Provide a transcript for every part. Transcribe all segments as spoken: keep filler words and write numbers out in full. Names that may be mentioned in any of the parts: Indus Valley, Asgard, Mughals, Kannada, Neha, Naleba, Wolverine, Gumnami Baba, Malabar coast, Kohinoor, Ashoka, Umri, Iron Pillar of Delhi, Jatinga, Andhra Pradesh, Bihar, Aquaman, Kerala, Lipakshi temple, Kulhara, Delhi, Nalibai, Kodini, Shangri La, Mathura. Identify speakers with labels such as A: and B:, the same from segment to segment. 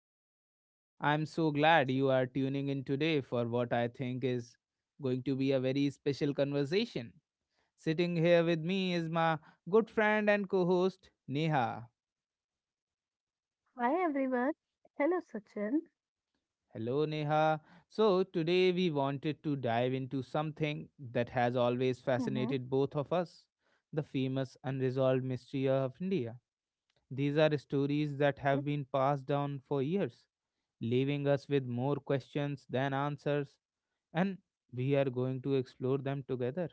A: Sachin, and I'm so glad you are tuning in today for what I think is going to be a very special conversation. Sitting here with me is my good friend and co host, Neha.
B: Hi everyone. Hello Sachin.
A: Hello, Neha. So, today we wanted to dive into something that has always
B: Mm-hmm.
A: fascinated both of us, the famous unresolved mystery of India. These are stories that
B: Okay.
A: have been passed down for years, leaving us with more questions than answers, and we are going to explore them together.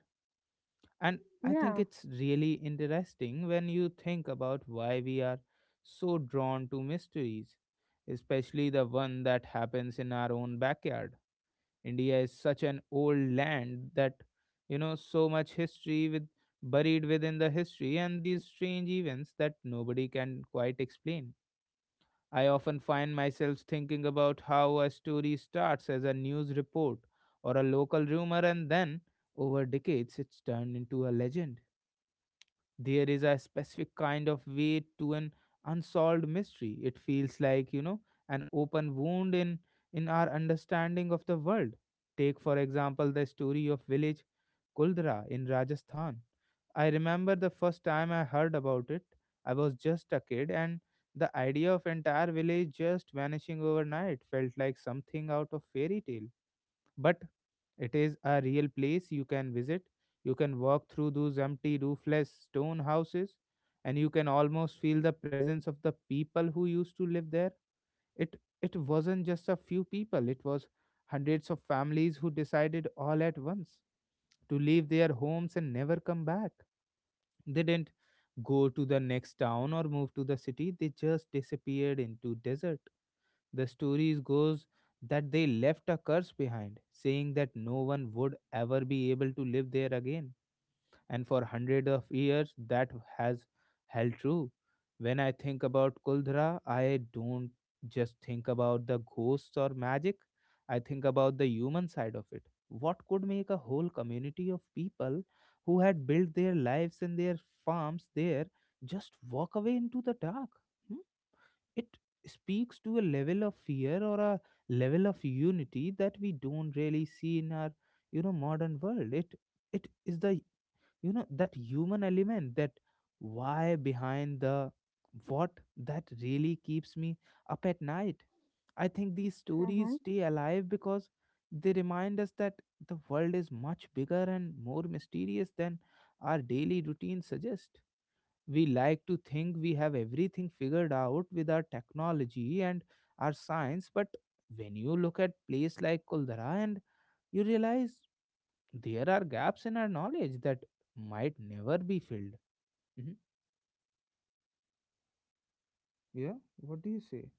A: And I think
B: Yeah.
A: it's really interesting when you think about why we are so drawn to mysteries, especially the one that happens in our own backyard. India is such an old land that, you know, so much history with buried within the history and these strange events that nobody can quite explain. I often find myself thinking about how a story starts as a news report or a local rumor and then, over decades, it's turned into a legend. There is a specific kind of weight to an unsolved mystery. It feels like, you know, an open wound in, in our understanding of the world. Take, for example, the story of village Kuldra in Rajasthan. I remember the first time I heard about it. I was just a kid, and the idea of entire village just vanishing overnight felt like something out of fairy tale. But it is a real place you can visit. You can walk through those empty roofless stone houses, and you can almost feel the presence of the people who used to live there. It it wasn't just a few people. It was hundreds of families who decided all at once to leave their homes and never come back. They didn't go to the next town or move to the city, they just disappeared into desert. The stories goes that they left a curse behind, saying that no one would ever be able to live there again, and for hundreds of years that has held true. When I think about Kuldhara, I don't just think about the ghosts or magic, I think about the human side of it. What could make a whole community of people who had built their lives and their farms there just walk away into the dark? Hmm? It speaks to a level of fear or a level of unity that we don't really see in our, you know modern world. It it is the, you know that human element, that why behind the what, that really keeps me up at night. I think these stories
B: Mm-hmm.
A: stay alive because they remind us that the world is much bigger and more mysterious than our daily routine suggests. We like to think we have everything figured out with our technology and our science, but when you look at place like kuldara and you realize there are gaps in our knowledge that might never be filled. Hmm. Yeah. What do you say?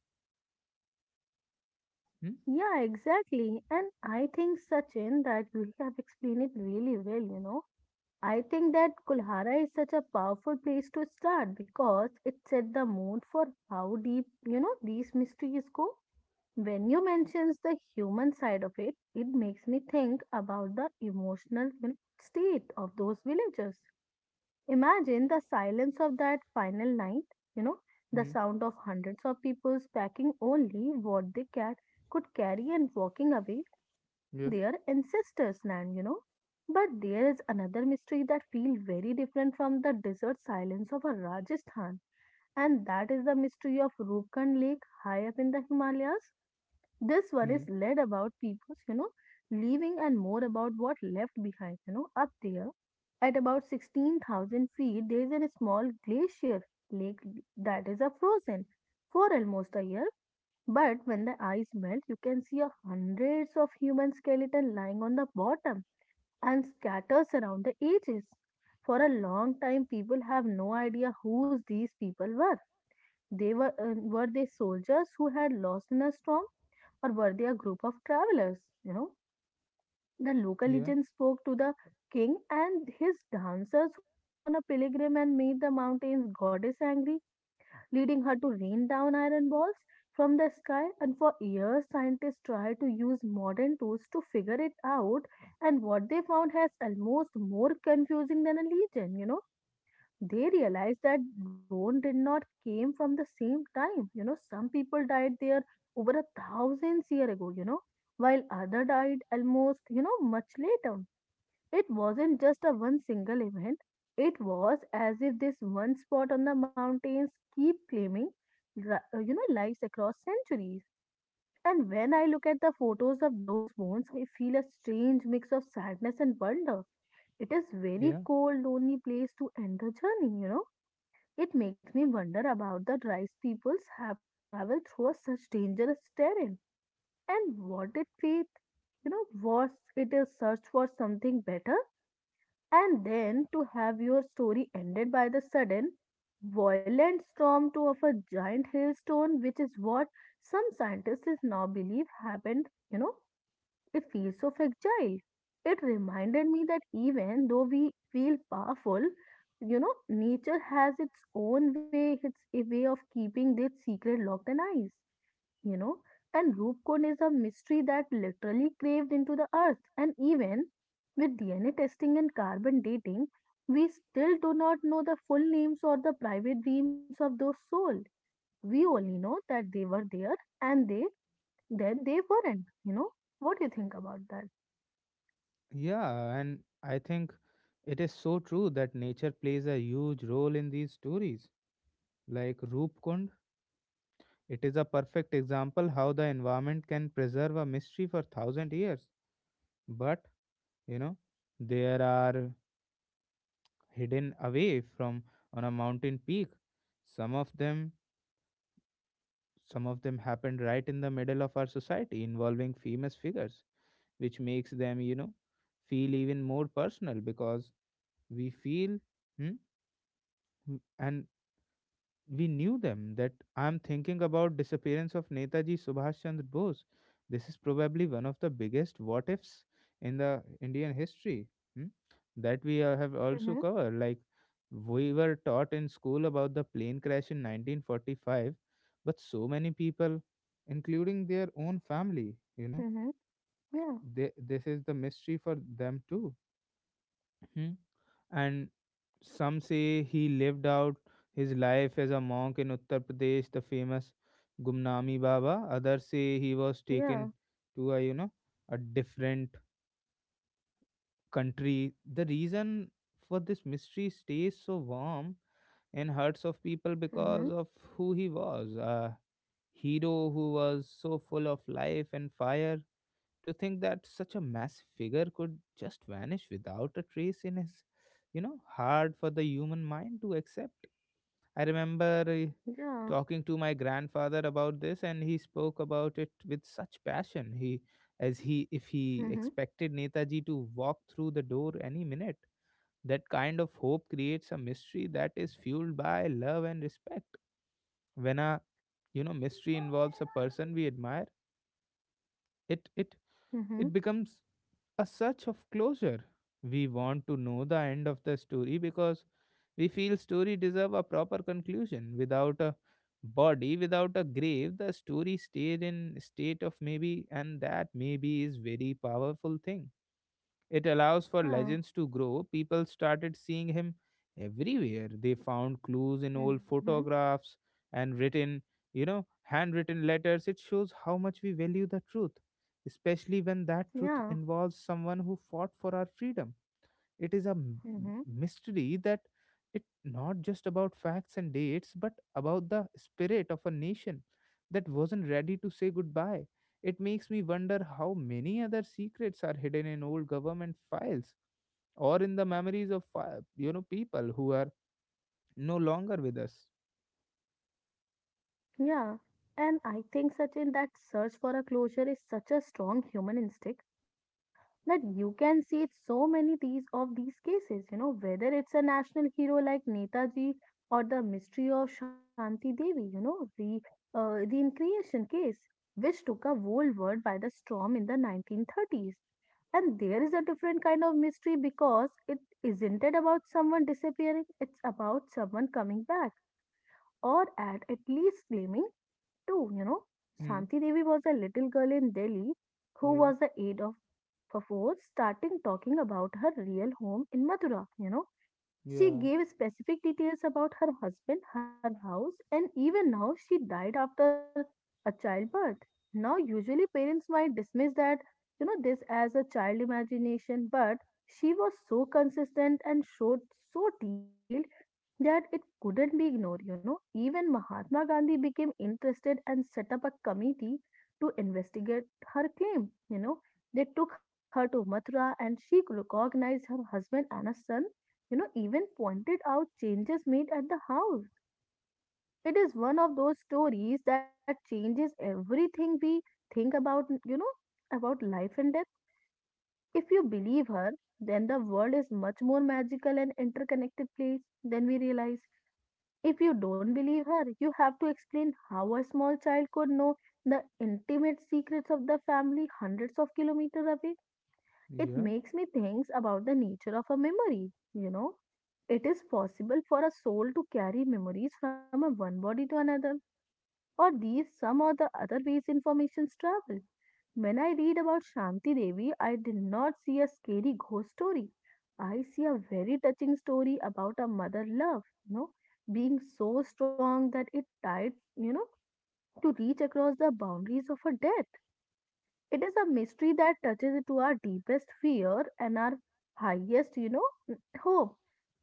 A: Hmm.
B: Yeah, exactly. And I think Sachin that you have explained it really well, you know. I think that Kulhara is such a powerful place to start because it set the mood for how deep, you know, these mysteries go. When you mentions the human side of it, it makes me think about the emotional you know, state of those villagers. Imagine the silence of that final night, you know, the
A: Hmm.
B: sound of hundreds of people packing only what they ca- could carry and walking away from
A: Yeah.
B: their ancestors' land, you know. But there is another mystery that feels very different from the desert silence of a Rajasthan, and that is the mystery of Rupkund Lake high up in the Himalayas. This one
A: Hmm.
B: is led about people's, you know, leaving and more about what left behind, you know, up there. At about sixteen thousand feet, there is a small glacier lake that is a frozen for almost a year. But when the ice melts, you can see a hundreds of human skeleton lying on the bottom and scatters around the edges. For a long time, people have no idea who these people were. They were uh, were they soldiers who had lost in a storm? Or were they a group of travelers? You know, the local
A: Yeah.
B: legend spoke to the king and his dancers who went on a pilgrim and made the mountains goddess angry, leading her to rain down iron balls from the sky. And for years, scientists tried to use modern tools to figure it out, and what they found has almost more confusing than a legend, you know They realized that bone did not came from the same time you know Some people died there over a thousands year ago you know, while other died almost, you know, much later. It wasn't just a one single event, it was as if this one spot on the mountains keep claiming ri- uh, you know, lives across centuries. And when I look at the photos of those bones, I feel a strange mix of sadness and wonder. It is very
A: Yeah.
B: cold lonely place to end the journey you know It makes me wonder about the rice peoples have to travel through a such dangerous terrain, and what did faith, you know, was it a search for something better? And then to have your story ended by the sudden violent storm to of a giant hailstone, which is what some scientists now believe happened, you know, it feels so fragile. It reminded me that even though we feel powerful, you know, nature has its own way, its a way of keeping this secret locked and eyes, you know. And Rupcon is a mystery that literally craved into the earth. And even with D N A testing and carbon dating, we still do not know the full names or the private dreams of those souls. We only know that they were there and they then they weren't, you know. What do you think about that?
A: Yeah, and I think it is so true that nature plays a huge role in these stories. Like Rupkund, it is a perfect example how the environment can preserve a mystery for thousand years. But, you know, there are hidden away from on a mountain peak. Some of them Some of them happened right in the middle of our society involving famous figures, which makes them, you know, feel even more personal because we feel, hmm, w- and we knew them. That I am thinking about disappearance of Netaji Subhash Chandra Bose. This is probably one of the biggest what ifs in the Indian history. hmm, that we uh, have also
B: Mhm.
A: covered. Like, we were taught in school about the plane crash in nineteen forty-five, but so many people, including their own family, you know
B: Mhm. Yeah.
A: they, this is the mystery for them too. Hmm. And some say he lived out his life as a monk in Uttar Pradesh, the famous Gumnami Baba. Others say he was taken
B: Yeah.
A: to a, you know a different country. The reason for this mystery stays so warm in hearts of people
B: Mhm.
A: because of who he was, a hero who was so full of life and fire. To think that such a massive figure could just vanish without a trace in his, you know hard for the human mind to accept. I remember, uh,
B: Yeah.
A: talking to my grandfather about this, and he spoke about it with such passion. He, as he, if he
B: Mhm.
A: expected Netaji to walk through the door any minute. That kind of hope creates a mystery that is fueled by love and respect. When a, you know mystery involves a person we admire, it it
B: Mhm.
A: it becomes a search of closure. We want to know the end of the story because we feel story deserve a proper conclusion. Without a body, without a grave, the story stayed in state of maybe, and that maybe is very powerful thing. It allows for
B: Yeah.
A: legends to grow. People started seeing him everywhere. They found clues in old
B: Mhm.
A: photographs and written, you know, handwritten letters. It shows how much we value the truth, especially when that truth
B: Yeah.
A: involves someone who fought for our freedom. It is a m- m-
B: Mhm.
A: mystery that it not just about facts and dates, but about the spirit of a nation that wasn't ready to say goodbye. It makes me wonder how many other secrets are hidden in old government files or in the memories of fi- you know people who are no longer with us.
B: Yeah, and I think, Sachin, that search for a closure is such a strong human instinct, you know, that you can see it so many these of these cases, you know, whether it's a national hero like Netaji or the mystery of Shanti Devi, you know, the uh, the reincarnation case, which took a whole world by the storm in the nineteen thirties. And there is a different kind of mystery because it isn't it about someone disappearing, it's about someone coming back or at, at least claiming too, you know.
A: Hmm.
B: Shanti Devi was a little girl in Delhi who
A: Yeah.
B: was the age of age of a four starting talking about her real home in Mathura, you know she
A: Yeah.
B: gave specific details about her husband, her house, and even now she died after a childbirth. Now, usually parents might dismiss that, you know, this as a child imagination, but she was so consistent and showed so detailed that it couldn't be ignored, you know. Even Mahatma Gandhi became interested and set up a committee to investigate her claim, you know. They took her to Mathura and she recognized her husband and a son, you know, even pointed out changes made at the house. It is one of those stories that changes everything we think about, you know, about life and death. If you believe her, then the world is much more magical and interconnected place than we realize. If you don't believe her, you have to explain how a small child could know the intimate secrets of the family hundreds of kilometers away. It
A: Yeah.
B: makes me think about the nature of a memory, you know. It is possible for a soul to carry memories from a one body to another, or these some or the other ways informations travel. When I read about Shanti Devi, I did not see a scary ghost story. I see a very touching story about a mother love, you know, being so strong that it tied, you know, to reach across the boundaries of her death. It is a mystery that touches to our deepest fear and our highest, you know, hope.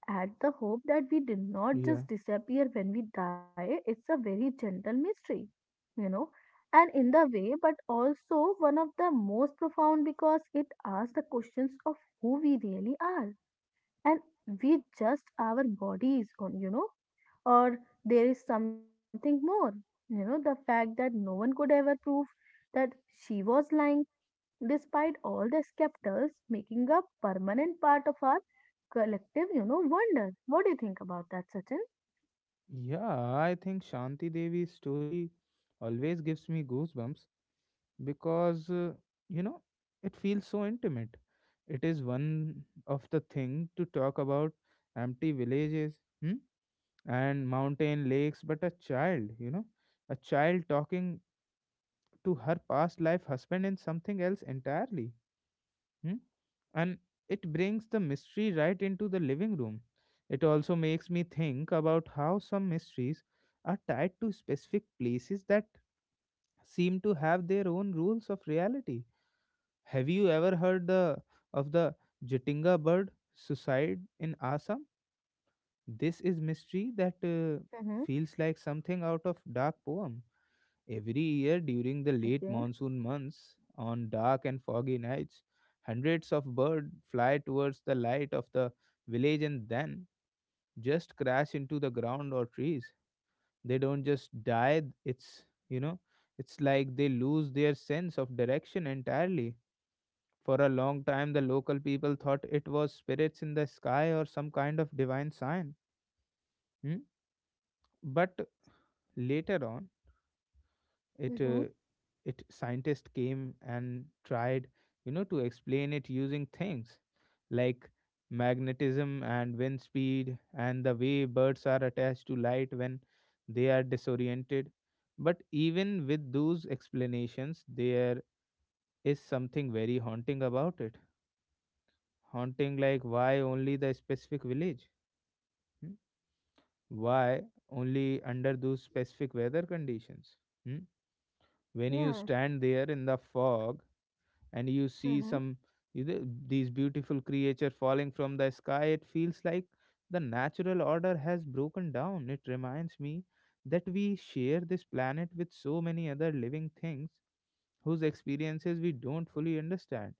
B: At the hope that we did not
A: Yeah.
B: just disappear when we die, it's a very gentle mystery, you know, and in the way, but also one of the most profound because it asks the questions of who we really are. And we just our bodies on, you know, or there is something more. You know, the fact that no one could ever prove that she was lying despite all the skeptics making a permanent part of our collective, you know, wonder. What do you think about that, Sachin?
A: Yeah. I think Shanti Devi's story always gives me goosebumps because uh, you know it feels so intimate. It is one of the thing to talk about empty villages, hmm, and mountain lakes, but a child, you know a child talking to her past life husband in something else entirely. Hmm? And it brings the mystery right into the living room. It also makes me think about how some mysteries are tied to specific places that seem to have their own rules of reality. Have you ever heard the of the Jatinga bird suicide in Assam? This is mystery that, uh,
B: Mm-hmm.
A: feels like something out of dark poem. Every year during the late
B: Okay.
A: monsoon months, on dark and foggy nights, hundreds of birds fly towards the light of the village and then just crash into the ground or trees. They don't just die, it's, you know, it's like they lose their sense of direction entirely. For a long time, the local people thought it was spirits in the sky or some kind of divine sign. Hmm? But later on, it uh,
B: Mm-hmm.
A: it scientists came and tried, you know, to explain it using things like magnetism and wind speed and the way birds are attached to light when they are disoriented. But even with those explanations, there is something very haunting about it. Haunting, like why only the specific village? Hmm? Why only under those specific weather conditions? Hmm? When you
B: Yeah.
A: stand there in the fog and you see
B: Mm-hmm.
A: some, you know, these beautiful creature falling from the sky, it feels like the natural order has broken down. It reminds me that we share this planet with so many other living things whose experiences we don't fully understand.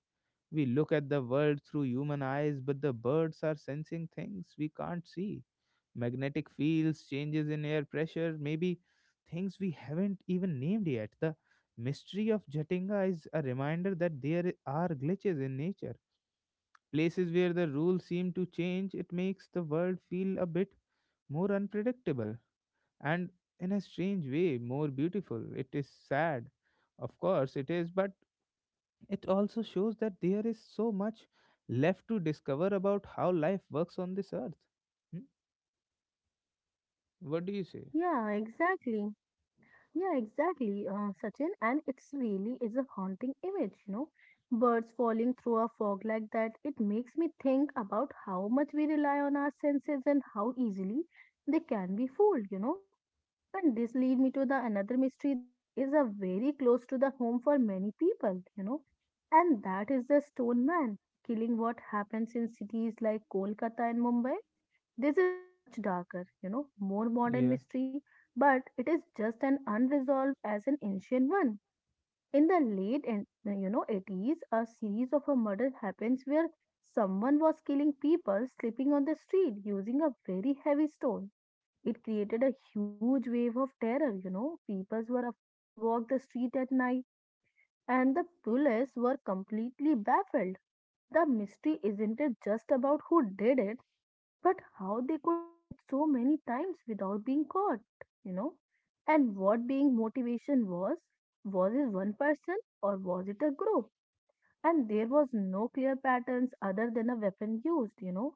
A: We look at the world through human eyes, but the birds are sensing things we can't see: magnetic fields, changes in air pressure, maybe things we haven't even named yet. The mystery of Jatinga is a reminder that there are glitches in nature, places where the rules seem to change. It makes the world feel a bit more unpredictable and, in a strange way, more beautiful. It is sad, of course, it is, but it also shows that there is so much left to discover about how life works on this earth. Hmm? What do you say?
B: Yeah, exactly. Yeah, exactly, uh, Sachin. And it's really is a haunting image, you know. Birds falling through a fog like that, it makes me think about how much we rely on our senses and how easily they can be fooled, you know. And this lead me to the another mystery that is a very close to the home for many people, you know, and that is the stone man killing what happens in cities like Kolkata and Mumbai. This is much darker, you know, more modern
A: Yeah,
B: mystery, but it is just an unresolved as an ancient one. In the late and you know eighties, a series of a murder happens where someone was killing people sleeping on the street using a very heavy stone. It created a huge wave of terror, you know. People were afraid to walk the street at night, and the police were completely baffled. The mystery isn't it just about who did it, but how they could do it so many times without being caught, you know. And what being motivation was was it one person or was it a group? And there was no clear patterns other than a weapon used, you know.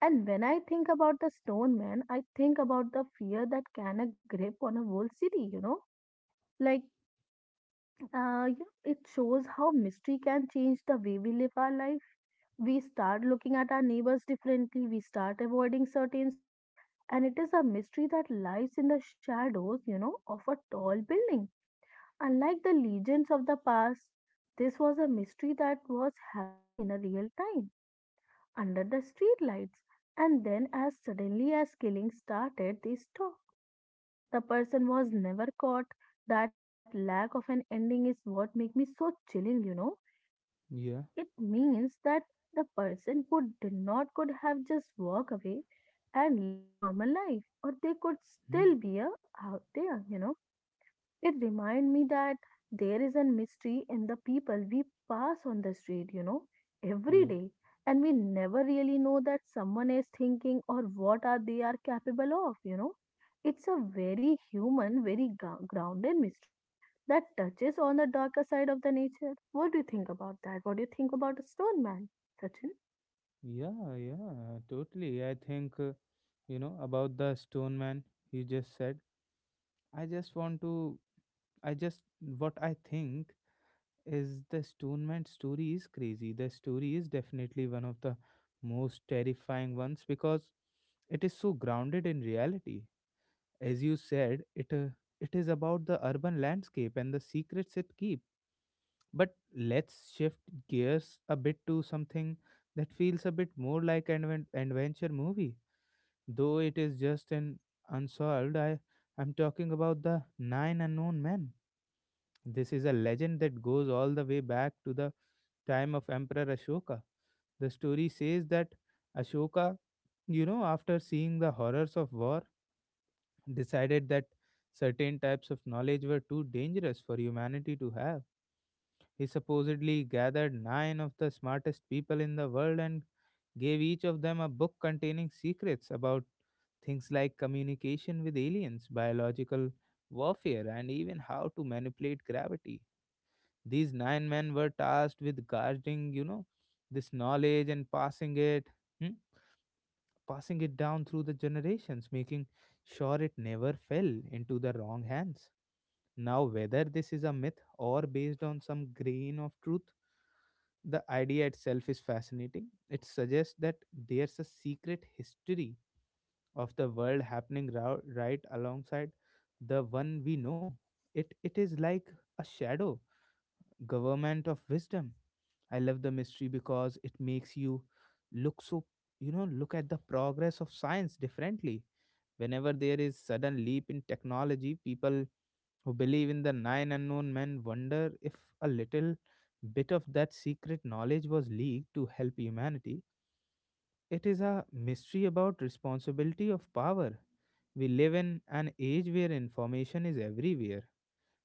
B: And when I think about the stone man, I think about the fear that can a grip on a whole city, you know? Like, uh, you know, it shows how mystery can change the way we live our life. We start looking at our neighbors differently, we start avoiding certain streets, and it is a mystery that lies in the shadows, you know, of a tall building. Unlike the legends of the past, this was a mystery that was happening in a real time under the streetlights. And then, as suddenly as killing started, they stopped. The person was never caught. That lack of an ending is what makes me so chilling, you know.
A: yeah.
B: It means that the person who did not could have just walked away and lived normal life, or they could
A: Hmm.
B: still be a, out there, you know. It reminds me that there is a mystery in the people we pass on the street, you know, every
A: Yeah,
B: day, and we never really know that someone is thinking or what are they are capable of, you know. It's a very human, very gro- grounded mystery that touches on the darker side of the nature. What do you think about that? What do you think about a stone man, Sachin?
A: yeah, yeah, totally. I think, uh, you know, about the stone man you just said. I just want to, I just, what I think is the stone man story is crazy. The story is definitely one of the most terrifying ones because it is so grounded in reality. As you said, it, uh, it is about the urban landscape and the secrets it keeps. But let's shift gears a bit to something that feels a bit more like an adven- adventure movie. Though it is just an unsolved, I, I'm talking about the Nine Unknown Men. This is a legend that goes all the way back to the time of Emperor Ashoka. The story says that Ashoka, you know, after seeing the horrors of war, decided that certain types of knowledge were too dangerous for humanity to have. He supposedly gathered nine of the smartest people in the world and gave each of them a book containing secrets about things like communication with aliens, biological warfare, and even how to manipulate gravity. These nine men were tasked with guarding, you know, this knowledge and passing it, hmm, passing it down through the generations, making sure it never fell into the wrong hands. Now, whether this is a myth or based on some grain of truth, the idea itself is fascinating. It suggests that there's a secret history of the world happening rou- right alongside the one we know. It it is like a shadow government of wisdom. I love the mystery because it makes you look so you know look at the progress of science differently. Whenever there is sudden leap in technology, people who believe in the nine unknown men wonder if a little bit of that secret knowledge was leaked to help humanity. It is a mystery about responsibility of power. We live in an age where information is everywhere,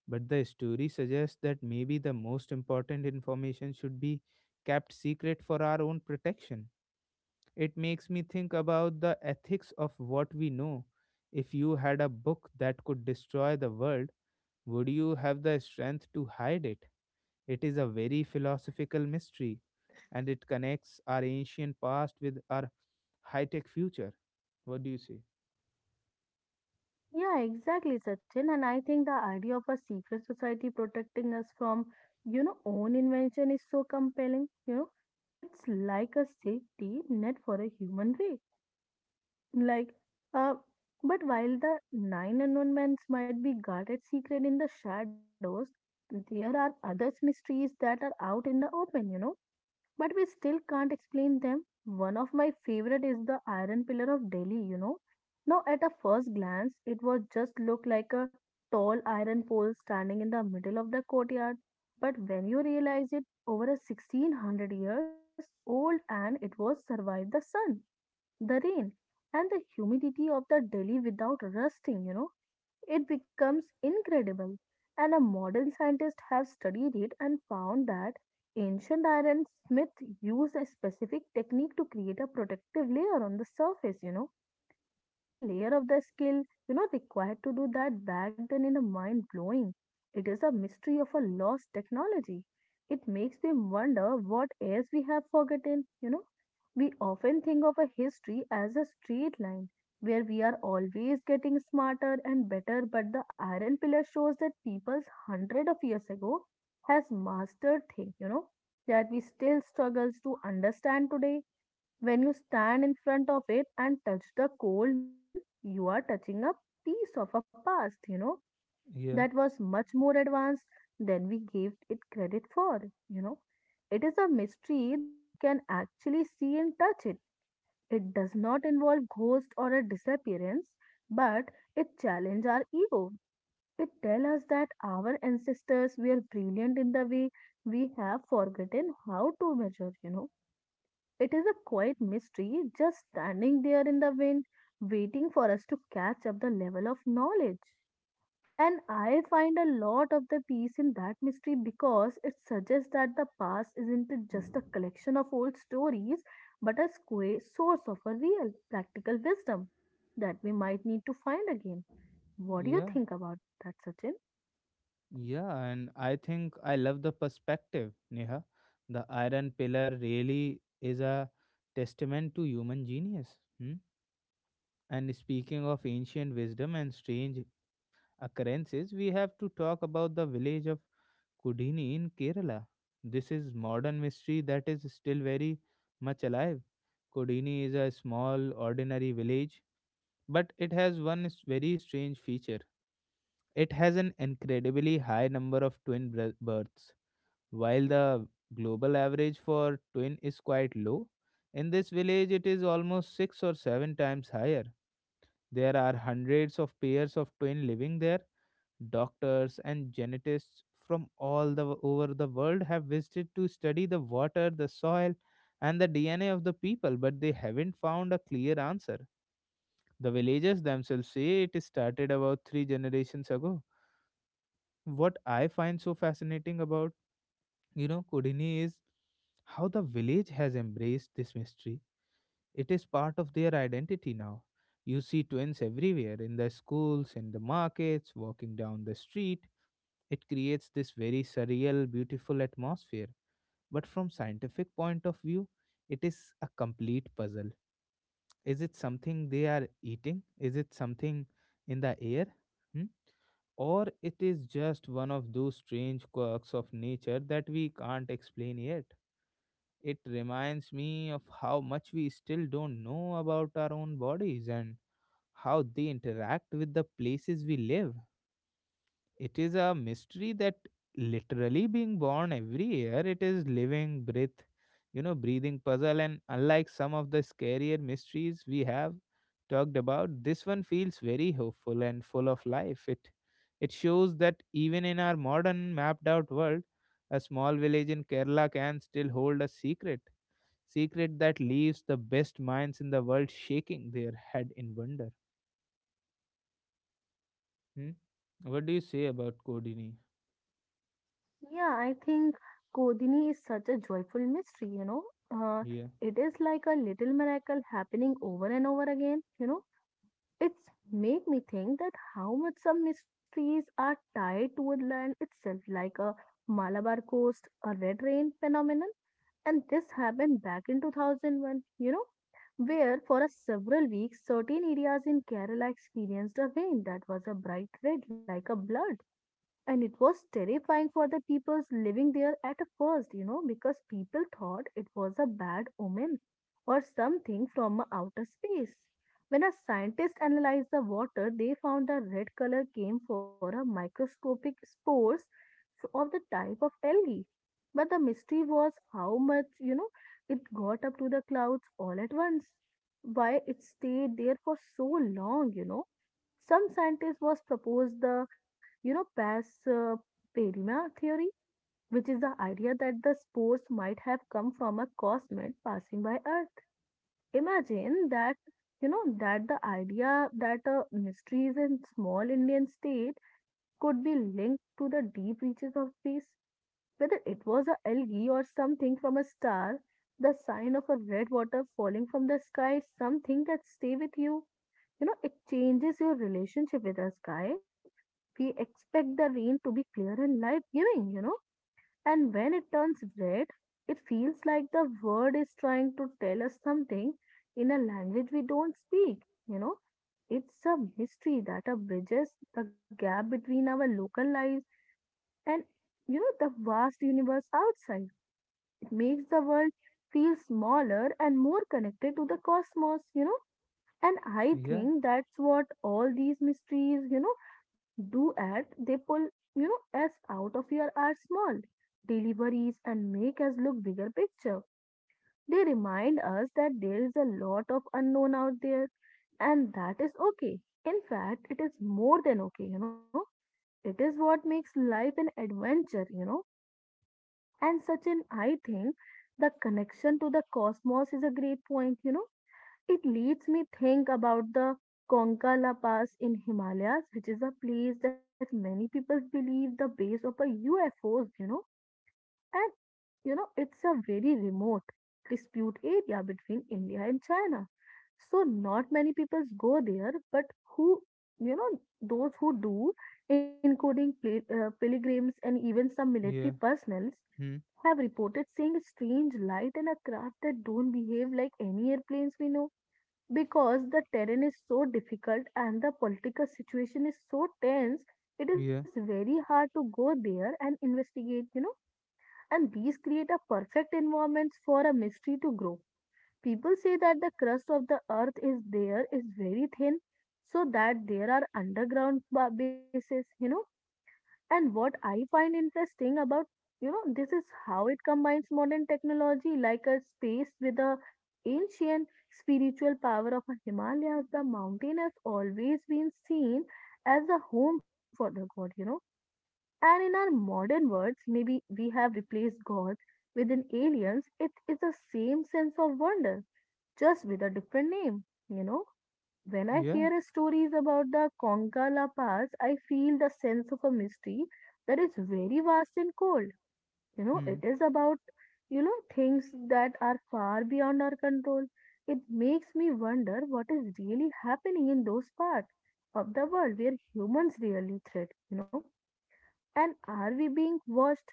A: but the story suggests that maybe the most important information should be kept secret for our own protection. It makes me think about the ethics of what we know. If you had a book that could destroy the world, would you have the strength to hide it? It is a very philosophical mystery, and it connects our ancient past with our high tech future. What do you say?
B: Yeah, exactly, Sachin. And I think the idea of a secret society protecting us from, you know, own invention is so compelling. You know, it's like a safety net for a human race. Like, uh, but while the nine announcements might be guarded secret in the shadows, there are others mysteries that are out in the open. You know, but we still can't explain them. One of my favorite is the iron pillar of Delhi, you know. Now, at a first glance, it would just look like a tall iron pole standing in the middle of the courtyard. But when you realize it, over a sixteen hundred years old and it was survived the sun, the rain, and the humidity of the Delhi without rusting, you know. It becomes incredible. And a modern scientist have studied it and found that ancient iron smith used a specific technique to create a protective layer on the surface, you know but the layer of the skill, you know, required to do that back then in a mind blowing. It is a mystery of a lost technology. It makes me wonder what else we have forgotten, you know. We often think of a history as a straight line where we are always getting smarter and better, but the iron pillar shows that people's hundred of years ago has mastered thing, you know, that we still struggles to understand today when you stand in front of it and touch the cold metal, you are touching a piece of a past, you know,
A: Yeah,
B: that was much more advanced than we gave it credit for, you know. It is a mystery that you can actually see and touch it. It does not involve ghosts or a disappearance, but it challenges our ego. It tells us that our ancestors were brilliant in the way we have forgotten how to measure, you know It is a quiet mystery just standing there in the wind, waiting for us to catch up the level of knowledge. And I find a lot of the peace in that mystery because it suggests that the past isn't just a collection of old stories, but a squa- source of a real, practical wisdom that we might need to find again. What do you
A: yeah,
B: think about that, Sachin?
A: yeah. And I think I love the perspective, Neha. The iron pillar really is a testament to human genius. Hmm? And speaking of ancient wisdom and strange occurrences, we have to talk about the village of Kudini in Kerala. This is modern mystery that is still very much alive. Kodini is a small, ordinary village, but it has one s- very strange feature. It has an incredibly high number of twin br- births. While the global average for twin is quite low, in this village it is almost six or seven times higher. There are hundreds of pairs of twins living there. Doctors and geneticists from all the over the world have visited to study the water, the soil, and the D N A of the people, but they haven't found a clear answer. The villagers themselves say it started about three generations ago. What I find so fascinating about, you know, Kodini is how the village has embraced this mystery. It is part of their identity now. You see twins everywhere in the schools, in the markets, walking down the street. It creates this very surreal, beautiful atmosphere. But from scientific point of view, it is a complete puzzle. Is it something they are eating? Is it something in the air? Hmm? Or it is just one of those strange quirks of nature that we can't explain yet. It reminds me of how much we still don't know about our own bodies and how they interact with the places we live. It is a mystery that literally being born every year, it is living, breath, you know, breathing puzzle. And unlike some of the scarier mysteries we have talked about, this one feels very hopeful and full of life. It it shows that even in our modern mapped out world, a small village in Kerala can still hold a secret. Secret that leaves the best minds in the world shaking their head in wonder. Hmm? What do you say about Codini?
B: Yeah, I think Kodini is such a joyful mystery, you know. Uh,
A: Yeah.
B: it is like a little miracle happening over and over again, you know. It's make me think that how much some mysteries are tied to woodland itself, like a Malabar coast, a red rain phenomenon. And this happened back in two thousand one, you know, where for a several weeks, certain areas in Kerala experienced a rain that was a bright red like a blood. And it was terrifying for the people living there at first, you know, because people thought it was a bad omen or something from outer space. When a scientist analyzed the water, they found the red color came from a microscopic spores of the type of algae. But the mystery was how much, you know, it got up to the clouds all at once. Why it stayed there for so long, you know. Some scientists was proposed the you know, Pass uh, perima theory, which is the idea that the spores might have come from a cosmet passing by Earth. Imagine that, you know, that the idea that a mystery in small Indian state could be linked to the deep reaches of space. Whether it was a algae or something from a star, the sign of a red water falling from the sky is something that stay with you you know, it changes your relationship with us, guy. We expect the rain to be clear and life giving, you know, and when it turns red, it feels like the word is trying to tell us something in a language we don't speak, you know. It's a mystery that uh, bridges the gap between our local lives and, you know, the vast universe outside. It makes the world feel smaller and more connected to the cosmos, you know and I
A: Yeah.
B: think that's what all these mysteries, you know, do at they pull, you know, us out of your our small daily worries and make us look bigger picture. They remind us that there is a lot of unknown out there and that is okay. In fact, it is more than okay, you know. It is what makes life an adventure, you know. And such an I think the connection to the cosmos is a great point, you know it leads me think about the Konkala Pass in Himalayas, which is a place that many people believe the base of a U F Os, you know, and you know it's a very remote dispute area between India and China. So not many people go there, but who you know those who do, including pil- uh, pilgrims and even some military
A: Yeah.
B: personnel,
A: Hmm.
B: have reported seeing a strange light and a craft that don't behave like any airplanes we know because the terrain is so difficult and the political situation is so tense it is
A: Yeah.
B: very hard to go there and investigate you know And these create a perfect environment for a mystery to grow people say that the crust of the earth is there is very thin so that there are underground ba- bases you know And what I find interesting about, you know, this is how it combines modern technology like a space with the ancient spiritual power of a Himalayas. The mountain has always been seen as a home for the god, you know. And in our modern words, maybe we have replaced God with an aliens. It is the same sense of wonder, just with a different name, you know. When I
A: Yeah.
B: hear stories about the Konkala Pass, I feel the sense of a mystery that is very vast and cold. You know, it
A: Hmm.
B: is about, you know, things that are far beyond our control. It makes me wonder what is really happening in those parts of the world where humans really thread, you know. And are we being watched?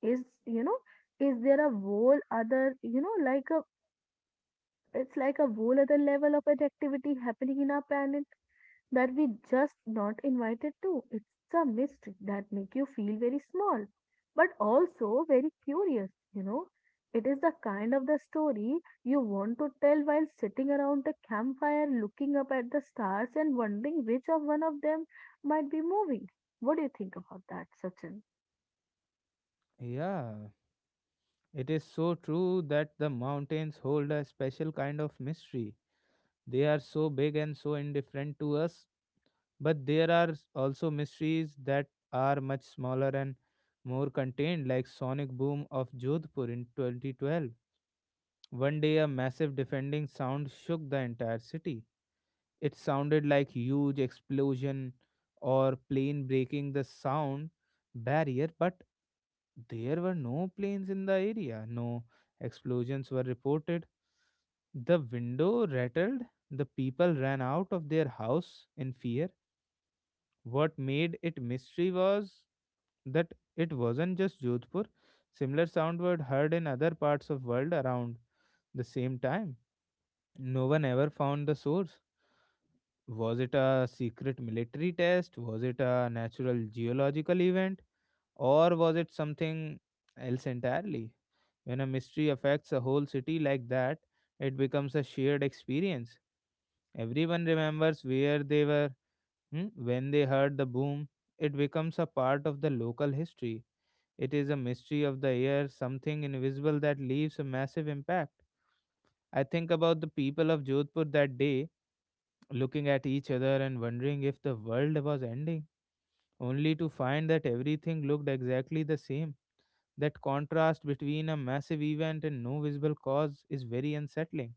B: Is, you know, is there a whole other, you know, like a, it's like a whole other level of activity happening in our planet that we just not invited to. It's a mystery that make you feel very small, but also very curious, you know. It is the kind of the story you want to tell while sitting around the campfire looking up at the stars and wondering which of one of them might be moving. What do you think about that, Sachin?
A: Yeah. It is so true that the mountains hold a special kind of mystery. They are so big and so indifferent to us, but there are s- also mysteries that are much smaller and more contained, like sonic boom of Jodhpur in twenty twelve. One day, a massive defending sound shook the entire city. It sounded like huge explosion or plane breaking the sound barrier, but there were no planes in the area. No explosions were reported. The window rattled. The people ran out of their house in fear. What made it mystery was that it wasn't just Jodhpur. Similar sound were heard in other parts of world around the same time. No one ever found the source. Was it a secret military test? Was it a natural geological event? Or was it something else entirely? When a mystery affects a whole city like that, it becomes a shared experience. Everyone remembers where they were hmm, when they heard the boom. It becomes a part of the local history. It is a mystery of the air, something invisible that leaves a massive impact. I think about the people of Jodhpur that day looking at each other and wondering if the world was ending, only to find that everything looked exactly the same. That contrast between a massive event and no visible cause is very unsettling.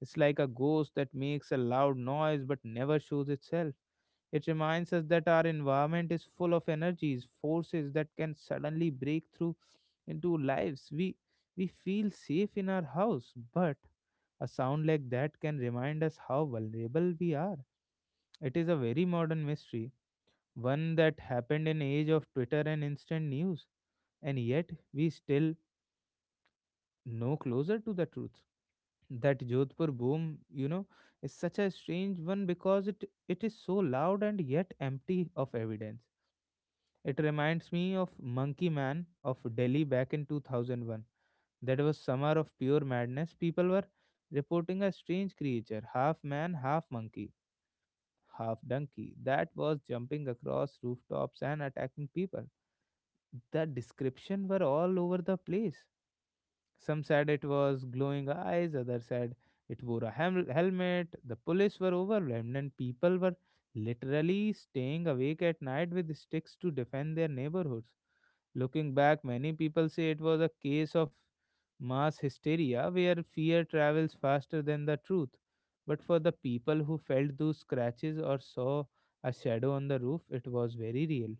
A: It's like a ghost that makes a loud noise but never shows itself. It reminds us that our environment is full of energies, forces that can suddenly break through into lives. We we feel safe in our house, but a sound like that can remind us how vulnerable we are. It is a very modern mystery, one that happened in age of Twitter and instant news, and yet we still no closer to the truth. That Jodhpur boom, you know, is such a strange one because it it is so loud and yet empty of evidence. It reminds me of Monkey Man of Delhi back in two thousand one. That was summer of pure madness. People were reporting a strange creature, half man, half monkey half donkey that was jumping across rooftops and attacking people. The description were all over the place. Some said it was glowing eyes, others said it wore a hel- helmet. The police were overwhelmed, and people were literally staying awake at night with sticks to defend their neighborhoods. Looking back, many people say it was a case of mass hysteria where fear travels faster than the truth. But for the people who felt those scratches or saw a shadow on the roof, it was very real.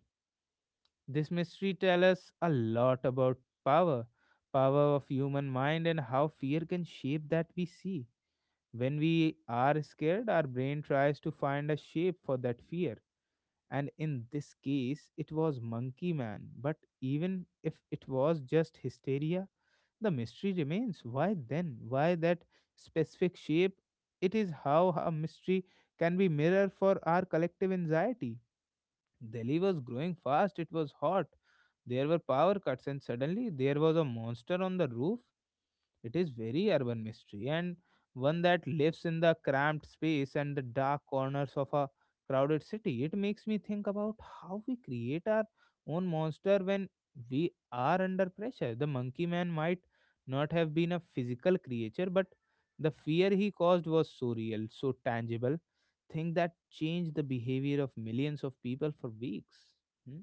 A: This mystery tells us a lot about power, power of human mind and how fear can shape that we see. When we are scared, our brain tries to find a shape for that fear, and in this case it was monkey man. But even if it was just hysteria, the mystery remains, why then, why that specific shape? It is how a mystery can be mirror for our collective anxiety. Delhi was growing fast, it was hot, there were power cuts, and suddenly there was a monster on the roof. It is very urban mystery, and one that lives in the cramped space and the dark corners of a crowded city. It makes me think about how we create our own monster when we are under pressure. The monkey man might not have been a physical creature, but the fear he caused was so real, so tangible, thing that changed the behavior of millions of people for weeks. Hmm?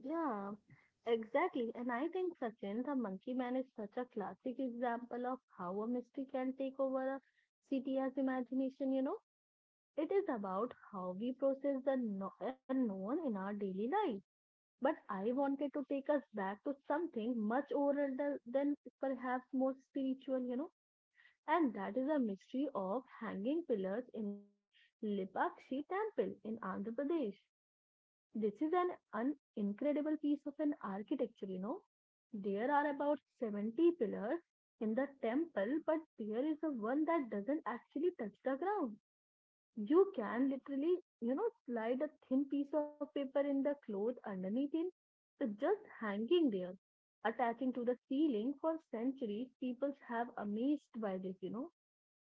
B: Yeah, exactly. And I think Sachin, the monkey man, is such a classic example of how a mystery can take over a city as imagination, you know. It is about how we process the kno- unknown in our daily life. But I wanted to take us back to something much older than, than perhaps more spiritual, you know, and that is a mystery of hanging pillars in the Lipakshi temple in Andhra Pradesh. This is an, an incredible piece of an architecture, you know. There are about seventy pillars in the temple, but there is a one that doesn't actually touch the ground. You can literally, you know, slide a thin piece of paper in the cloth underneath it. It's just hanging there, attaching to the ceiling. For centuries, peoples have amazed by this, you know.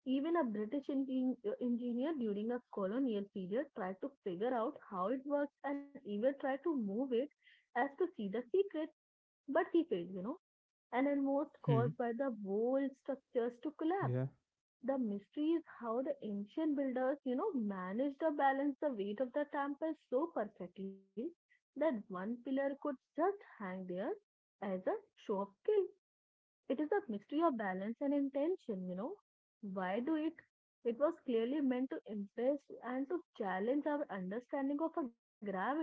B: Even a British engin- engineer during a colonial period tried to figure out how it works and even tried to move it as to see the secret, but he failed, you know, and almost
A: Hmm.
B: caused by the whole structures to collapse.
A: Yeah.
B: The mystery is how the ancient builders, you know, managed to balance the weight of the temple so perfectly that one pillar could just hang there as a show of skill. It is a mystery of balance and intention, you know. Why do it? It was clearly meant to impress and to challenge our understanding of a gravity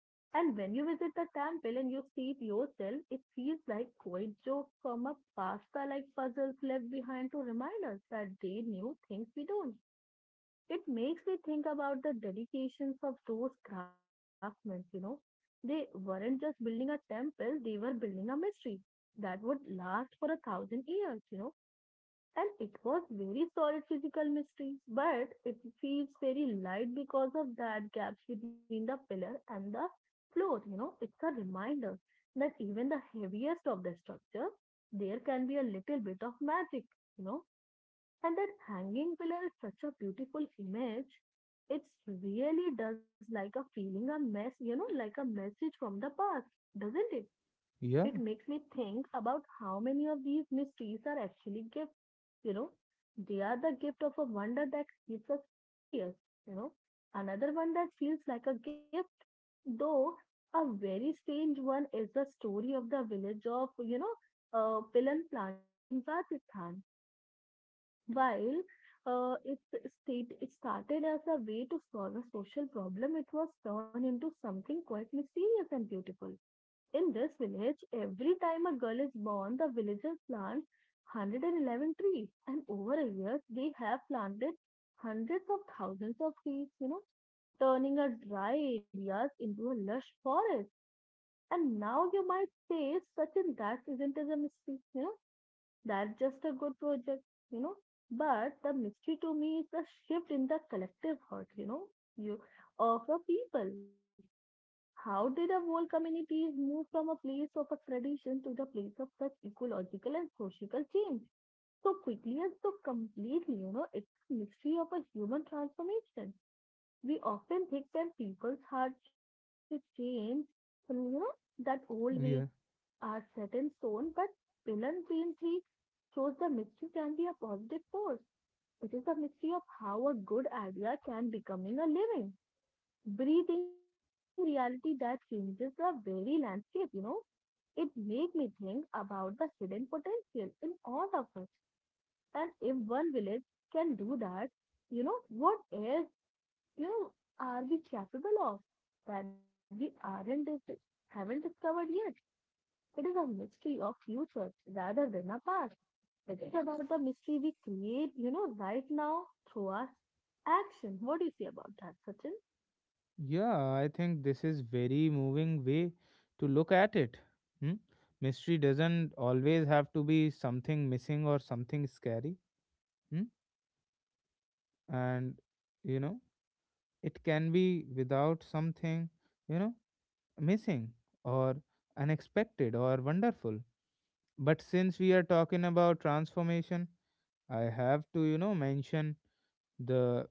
B: and when you visit the temple and you see it yourself, it feels like quite jokes from a pasta like puzzles left behind to remind us that they knew things we don't. It makes me think about the dedications of those craftsmen, you know. They weren't just building a temple, they were building a mystery that would last for a thousand years, you know. And it was very solid physical mystery, but it feels very light because of that gaps between the pillar and the floor. You know, it's a reminder that even the heaviest of the structure, there can be a little bit of magic, you know, and that hanging pillar is such a beautiful image. It's really does like a feeling a mess, you know, like a message from the past, doesn't it? It
A: Yeah.
B: makes me think about how many of these mysteries are actually gifts, you know. They are the gift of a wonder that keeps us curious, you know. Another one that feels like a gift, though a very strange one, is the story of the village of, you know, uh, Pilan Plantry in Rajasthan. While uh, it, state, it started as a way to solve a social problem, it was turned into something quite mysterious and beautiful. In this village, every time a girl is born, the villagers plant one hundred eleven trees, and over a year, they have planted hundreds of thousands of trees, you know, turning a dry areas into a lush forest. And now you might say, Sachin, that isn't as a mystery, you know, that's just a good project, you know. But the mystery to me is the shift in the collective heart, you know, you of a people. How did a whole communities move from a place of a tradition to the place of such ecological and social change so quickly and so completely? You know, it's a mystery of a human transformation. We often think that people's hearts should change, and you know, that old ways
A: Yeah.
B: are set in stone, but Pilan Green Tree shows the mystery can be a positive force. It is the mystery of how a good idea can becoming a living breathing reality that changes the very landscape, you know. It made me think about the hidden potential in all of us. And if one village can do that, you know, what else, you know, are we capable of that we aren't dis- haven't discovered yet? It is a mystery of future rather than a past. It is about the mystery we create, you know, right now through our action. What do you say about that, Sachin?
A: Yeah, I think this is very moving way to look at it. Hmm? Mystery doesn't always have to be something missing or something scary. Hmm? And you know, it can be without something, you know, missing or unexpected or wonderful. But since we are talking about transformation, I have to, you know, mention the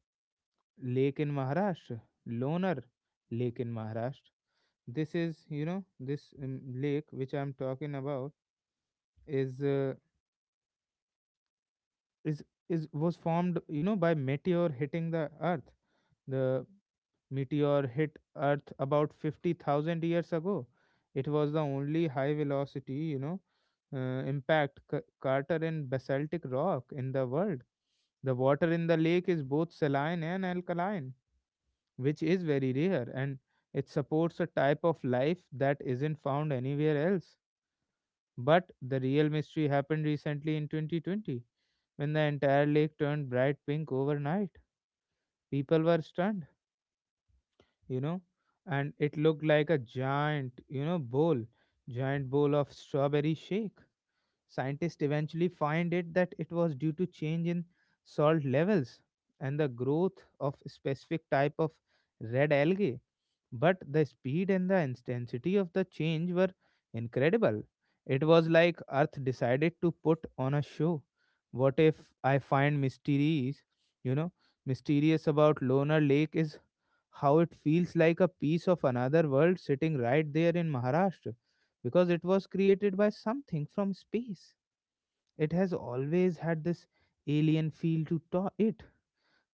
A: lake in Maharashtra, Loner Lake in Maharashtra. This is you know this um, lake which I'm talking about is uh, is is was formed you know by meteor hitting the earth. The meteor hit earth about fifty thousand years ago. It was the only high velocity, you know uh, impact c- crater in basaltic rock in the world. The water in the lake is both saline and alkaline, which is very rare, and it supports a type of life that isn't found anywhere else. But the real mystery happened recently in twenty twenty when the entire lake turned bright pink overnight. People were stunned, you know, and it looked like a giant, you know, bowl, giant bowl of strawberry shake. Scientists eventually find it that it was due to change in salt levels and the growth of specific type of red algae. But the speed and the intensity of the change were incredible. It was like Earth decided to put on a show. What if I find mysterious, you know, mysterious about Lonar Lake is how it feels like a piece of another world sitting right there in Maharashtra because it was created by something from space. It has always had this alien feel to ta- it.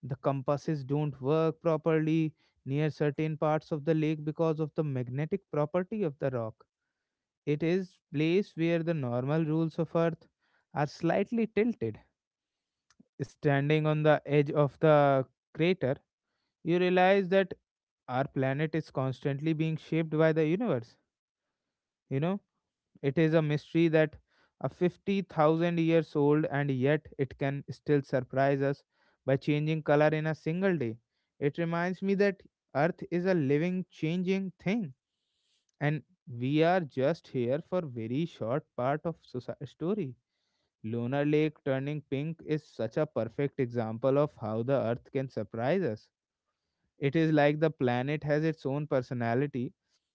A: The compasses don't work properly near certain parts of the lake because of the magnetic property of the rock. It is place where the normal rules of earth are slightly tilted. Standing on the edge of the crater, you realize that our planet is constantly being shaped by the universe. you know It is a mystery that a fifty thousand years old and yet it can still surprise us by changing color in a single day. It reminds me that earth is a living changing thing, and we are just here for very short part of soci- story. Lunar lake turning pink is such a perfect example of how the earth can surprise us. It is like the planet has its own personality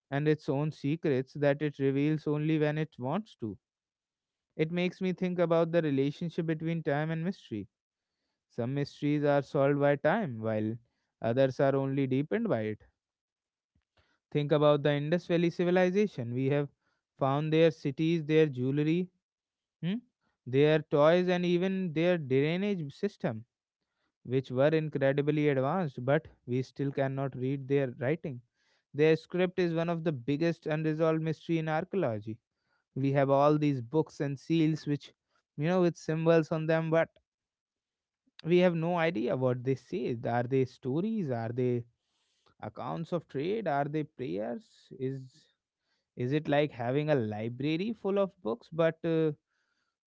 A: and its own secrets that it reveals only when it wants to. It makes me think about the relationship between time and mystery. Some mysteries are solved by time, while others are only deepened by it. Think about the Indus Valley civilization. We have found their cities, their jewelry, hmm, their toys, and even their drainage system, which were incredibly advanced, but we still cannot read their writing. Their script is one of the biggest unresolved mystery in archaeology. We have all these books and seals which, you know, with symbols on them, but we have no idea what they say. Are they stories? Are they accounts of trade? Are they prayers? Is is it like having a library full of books, but uh,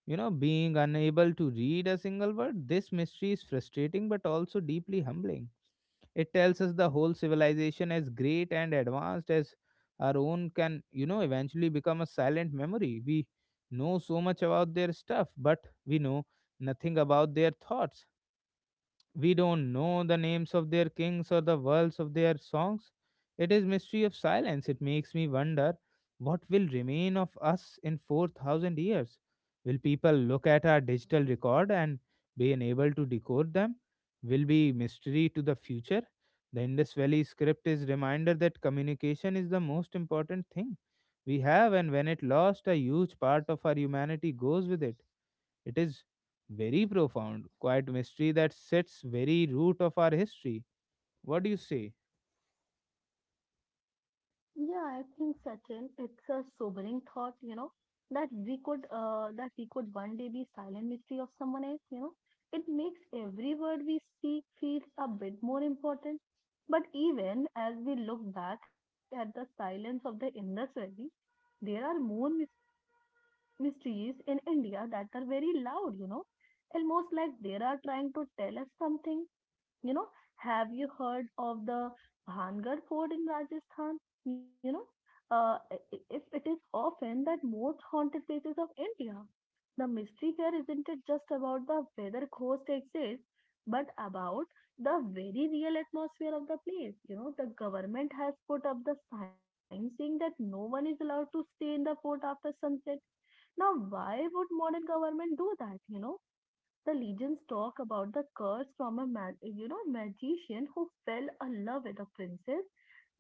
A: you know, being unable to read a single word? This mystery is frustrating, but also deeply humbling. It tells us the whole civilization, as great and advanced as our own, can, you know, eventually become a silent memory. We know so much about their stuff, but we know nothing about their thoughts. We don't know the names of their kings or the words of their songs. It is mystery of silence. It makes me wonder what will remain of us in four thousand years. Will people look at our digital record and be unable to decode them? Will be mystery to the future. The Indus Valley script is reminder that communication is the most important thing we have, and when it lost a huge part of our humanity goes with it. It is very profound, quiet mystery that sits very root of our history. What do you say?
B: Yeah, I think, Sachin, it's a sobering thought, you know, that we could uh, that we could one day be silent mystery of someone else, you know. It makes every word we speak feels a bit more important. But even as we look back at the silence of the Indus Valley, there are more mys- mysteries in India that are very loud, you know, almost like they are trying to tell us something, you know, have you heard of the Bhangar Fort in Rajasthan? You know, uh, if it is often that most haunted places of India, the mystery here isn't it just about the whether ghosts exist, but about the very real atmosphere of the place. You know, the government has put up the sign saying that no one is allowed to stay in the fort after sunset. Now, why would modern government do that? You know, the legends talk about the curse from a ma- you know magician who fell in love with a princess,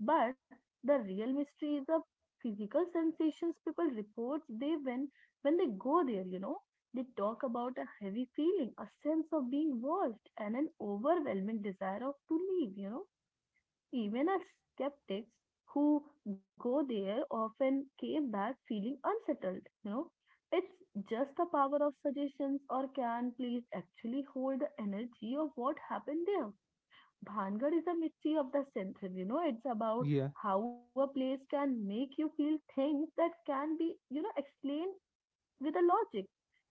B: but the real mystery is the physical sensations people report they when when they go there. You know, they talk about a heavy feeling, a sense of being watched, and an overwhelming desire of to leave. You know, even as skeptics who go there often came back feeling unsettled. You know, it's just the power of suggestions or can please actually hold the energy of what happened there. Bhangar is a mystery of the century. You know, it's about
A: Yeah.
B: how a place can make you feel things that can be, you know, explained with a logic.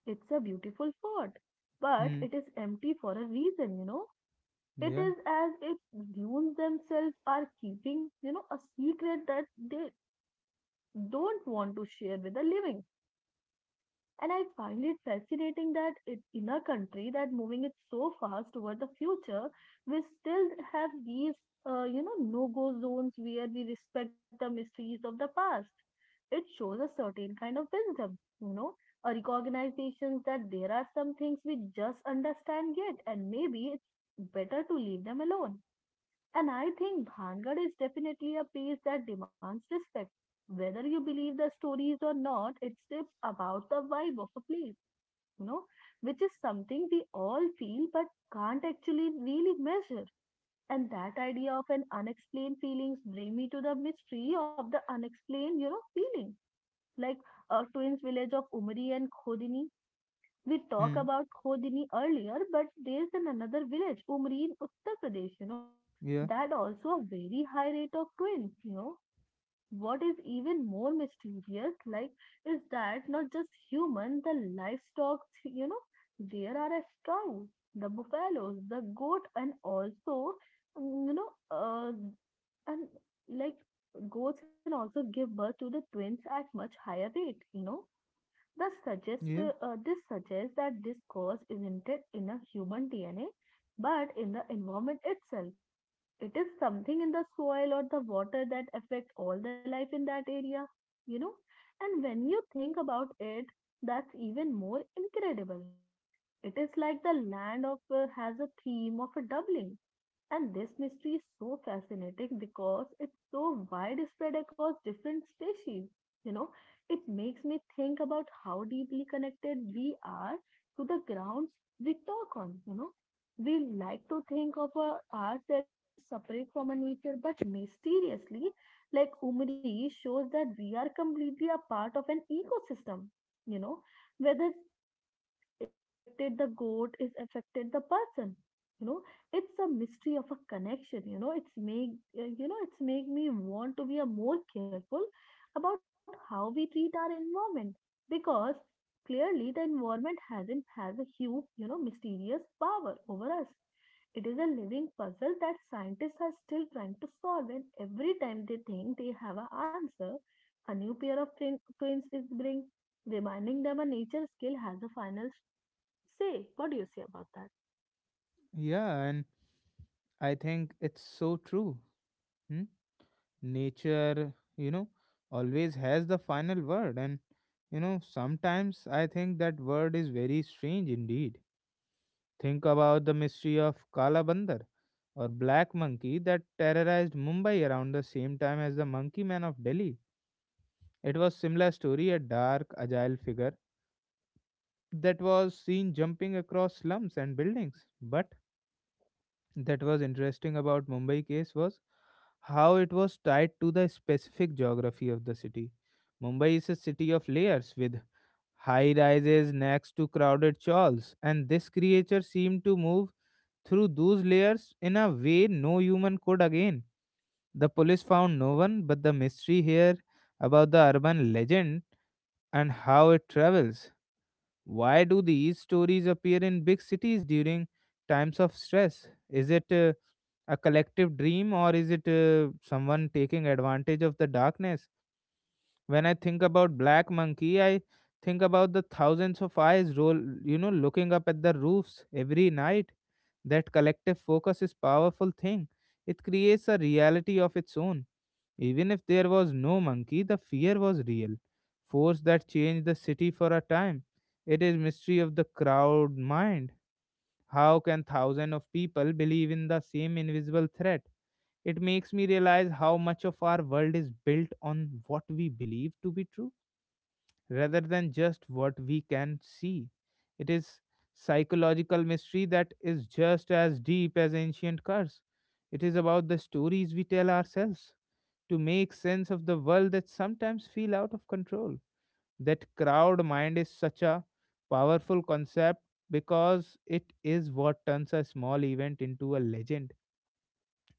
B: It's a beautiful fort, but
A: Hmm.
B: it is empty for a reason. You know, it
A: Yeah.
B: is as if dunes themselves are keeping, you know, a secret that they don't want to share with the living. And I find it fascinating that it, in a country that moving it so fast toward the future, we still have these, uh, you know, no-go zones where we respect the mysteries of the past. It shows a certain kind of wisdom, you know, a recognition that there are some things we just understand yet, and maybe it's better to leave them alone. And I think Bhangar is definitely a piece that demands respect. Whether you believe the stories or not, it's just about the vibe of a place, you know, which is something we all feel but can't actually really measure. And that idea of an unexplained feelings bring me to the mystery of the unexplained, you know, feeling. Like a twins village of Umri and Khodini. We talk
A: Hmm.
B: about Khodini earlier, but there's an another village, Umri in Uttar Pradesh, you know,
A: Yeah.
B: that also a very high rate of twins, you know, what is even more mysterious like is that not just human the livestock, you know, there are as cows the buffaloes the goat and also mm, you know uh, and like goats can also give birth to the twins at much higher rate, you know, thus suggest
A: Yeah.
B: uh, this suggests that this cause isn't it in a human dna but in the environment itself. It is something in the soil or the water that affect all the life in that area, you know, and when you think about it, that's even more incredible. It is like the land of uh, has a theme of a doubling and this mystery is so fascinating because it's so widespread across different species. You know, it makes me think about how deeply connected we are to the grounds we talk on. You know, we like to think of our, ourselves as separate from our nature, but mysteriously, like Umri shows that we are completely a part of an ecosystem. You know, whether is affected the goat is affected the person, you know it's a mystery of a connection you know, it's make uh, you know it's make me want to be a more careful about how we treat our environment, because clearly the environment hasn't has a huge, you know, mysterious power over us. It is a living puzzle that scientists are still trying to solve and every time they think they have an answer a new pair of prin- prints is bring reminding them a nature skill has a final. Say, what do you say about that?
A: Yeah. And I think it's so true. Hmm? Nature, you know, always has the final word. And, you know, sometimes I think that word is very strange indeed. Think about the mystery of Kala Bandar or black monkey that terrorized Mumbai around the same time as the monkey man of Delhi. It was Simla's story, a dark, agile figure that was seen jumping across slums and buildings. But that was interesting about Mumbai case was how it was tied to the specific geography of the city. Mumbai is a city of layers with high rises next to crowded chawls, and this creature seemed to move through those layers in a way no human could again. The police found no one, but the mystery here about the urban legend and how it travels. Why do these stories appear in big cities during times of stress? Is it uh, a collective dream, or is it uh, someone taking advantage of the darkness? When I think about Black Monkey, I think about the thousands of eyes roll, you know, looking up at the roofs every night. That collective focus is powerful thing. It creates a reality of its own. Even if there was no monkey, the fear was real, force that changed the city for a time. It is mystery of the crowd mind. How can thousands of people believe in the same invisible threat? It makes me realize how much of our world is built on what we believe to be true rather than just what we can see. It is psychological mystery that is just as deep as ancient curse. It is about the stories we tell ourselves to make sense of the world that sometimes feel out of control. That crowd mind is such a powerful concept because it is what turns a small event into a legend.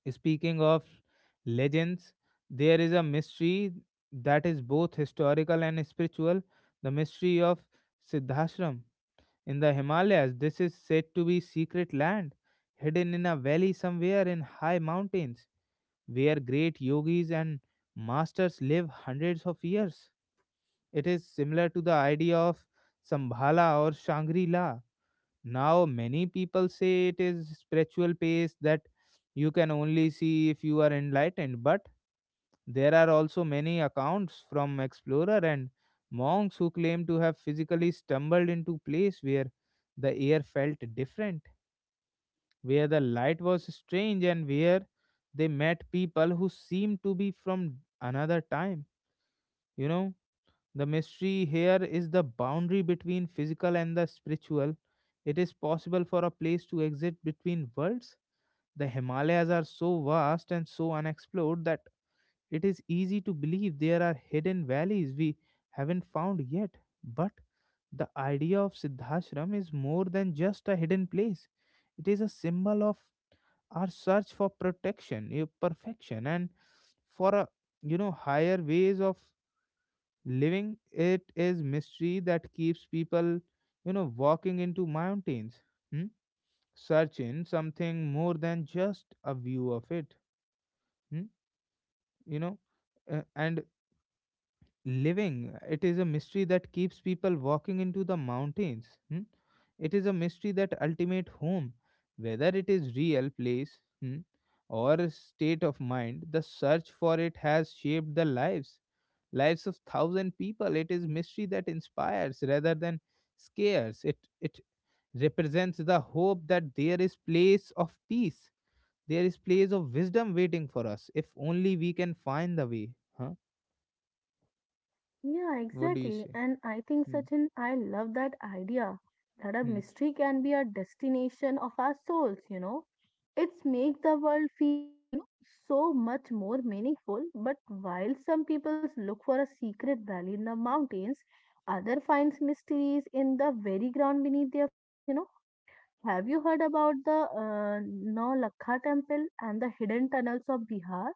A: Speaking of legends, there is a mystery that is both historical and spiritual, the mystery of Siddhashram in the Himalayas. This is said to be secret land hidden in a valley somewhere in high mountains where great yogis and masters live hundreds of years. It is similar to the idea of Sambhala or Shangri La. Now, many people say it is spiritual pace that you can only see if you are enlightened, but there are also many accounts from explorer and monks who claim to have physically stumbled into place where the air felt different, where the light was strange, and where they met people who seemed to be from another time. You know, the mystery here is the boundary between physical and the spiritual. It is possible for a place to exist between worlds. The Himalayas are so vast and so unexplored that it is easy to believe there are hidden valleys we haven't found yet. But the idea of Siddhashram is more than just a hidden place. It is a symbol of our search for protection, eh, perfection, and for a, you know, higher ways of living. It is mystery that keeps people, you know, walking into mountains. Hmm? Searching something more than just a view of it. hmm, You know, Uh, and living. It is a mystery that keeps people walking into the mountains. Hmm? It is a mystery that ultimate home, whether it is real place, hmm, or a state of mind, the search for it has shaped the lives lives of thousand people. It is mystery that inspires rather than scares. It it represents the hope that there is place of peace. There is place of wisdom waiting for us if only we can find the way. Huh?
B: Yeah,
A: What do you
B: exactly.
A: say?
B: And I think,
A: Hmm.
B: Sachin, I love that idea that a
A: Hmm.
B: mystery can be a destination of our souls, you know. It's make the world feel, you know, so much more meaningful. But while some people look for a secret valley in the mountains, other finds mysteries in the very ground beneath their feet, you know. Have you heard about the uh, Nau Lakha temple and the hidden tunnels of Bihar?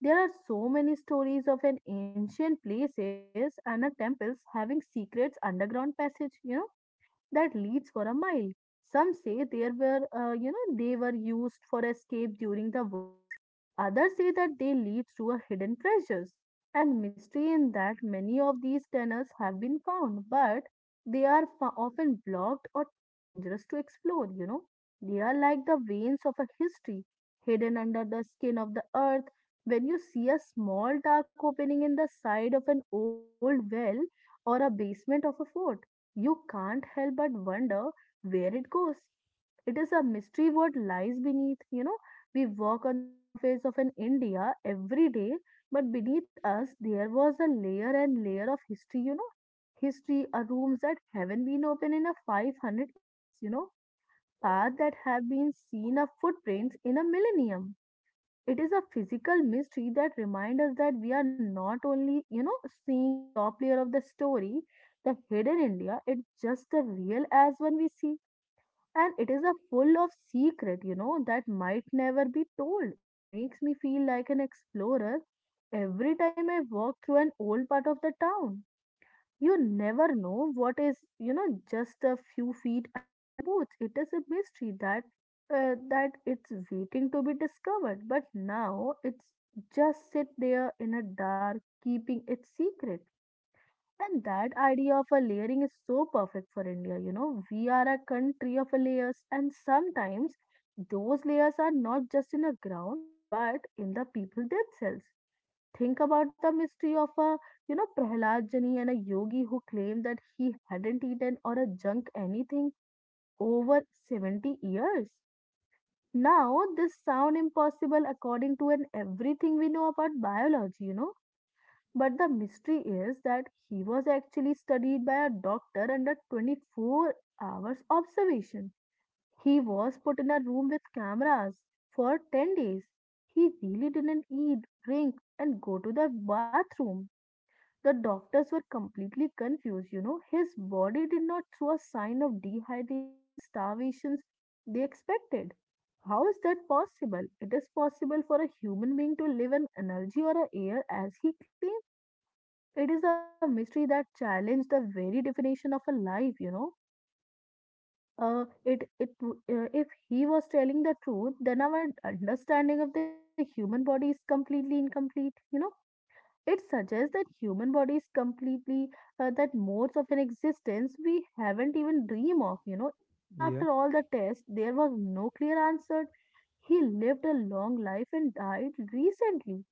B: There are so many stories of an ancient places and a temples having secrets underground passage, you know, that leads for a mile. Some say there were, uh, you know, they were used for escape during the wars. Others say that they lead to a hidden treasures and mystery in that many of these tunnels have been found, but they are fo- often blocked or too dangerous to explore. You know, they are like the veins of a history hidden under the skin of the earth. When you see a small dark opening in the side of an old well or a basement of a fort, you can't help but wonder where it goes. It is a mystery what lies beneath. You know, we walk on the surface of an India every day, but beneath us there was a layer and layer of history, you know. History are rooms that haven't been open in a five hundred years, you know, paths that have been seen of footprints in a millennium. It is a physical mystery that reminds us that we are not only, you know, seeing the top layer of the story. The hidden India it's just the real as one we see, and it is a full of secret, you know, that might never be told. It makes me feel like an explorer every time I walk through an old part of the town. You never know what is, you know, just a few feet under your boots. It is a mystery that uh, that it's waiting to be discovered. But now it's just sit there in a dark, keeping its secret. And that idea of a layering is so perfect for India. You know, we are a country of layers, and sometimes those layers are not just in the ground, but in the people themselves. Think about the mystery of a, you know, Prahlad Jani and a yogi who claimed that he hadn't eaten or a junk anything for over seventy years. Now, this sound impossible according to an everything we know about biology, you know. But the mystery is that he was actually studied by a doctor under twenty-four hours observation. He was put in a room with cameras for ten days. He really didn't eat, drink, and go to the bathroom. The doctors were completely confused, you know. His body did not show a sign of dehydration and starvation they expected. How is that possible? It is possible for a human being to live on energy or air as he claimed. It is a mystery that challenged the very definition of a life, you know. Uh, it it w- uh, if he was telling the truth, then our understanding of the human body is completely incomplete, you know, it suggests that human body is completely uh, that modes of an existence we haven't even dream of. You know, even
A: Yeah.
B: after all the tests, there was no clear answer. He lived a long life and died recently,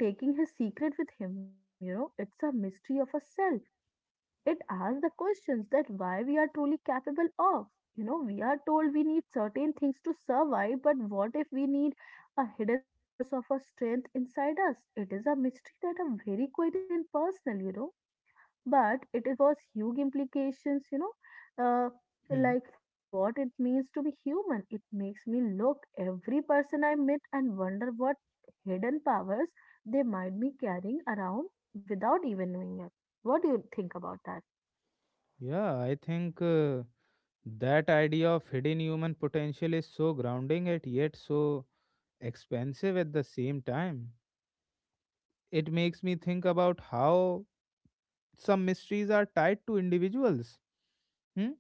B: taking his secret with him. You know, it's a mystery of a self, it asks the questions that why we are truly capable of. You know, we are told we need certain things to survive, but what if we need a hidden source of a strength inside us? It is a mystery that are very quite impersonal, you know, but it is- was huge implications, you know, uh,
A: Hmm.
B: like for what it means to be human. It makes me look every person I meet and wonder what hidden powers they might be carrying around without even knowing it. What do you think about that?
A: Yeah, I think uh, that idea of hidden human potential is so grounding and yet so expensive at the same time. It makes me think about how some mysteries are tied to individuals. Hmm?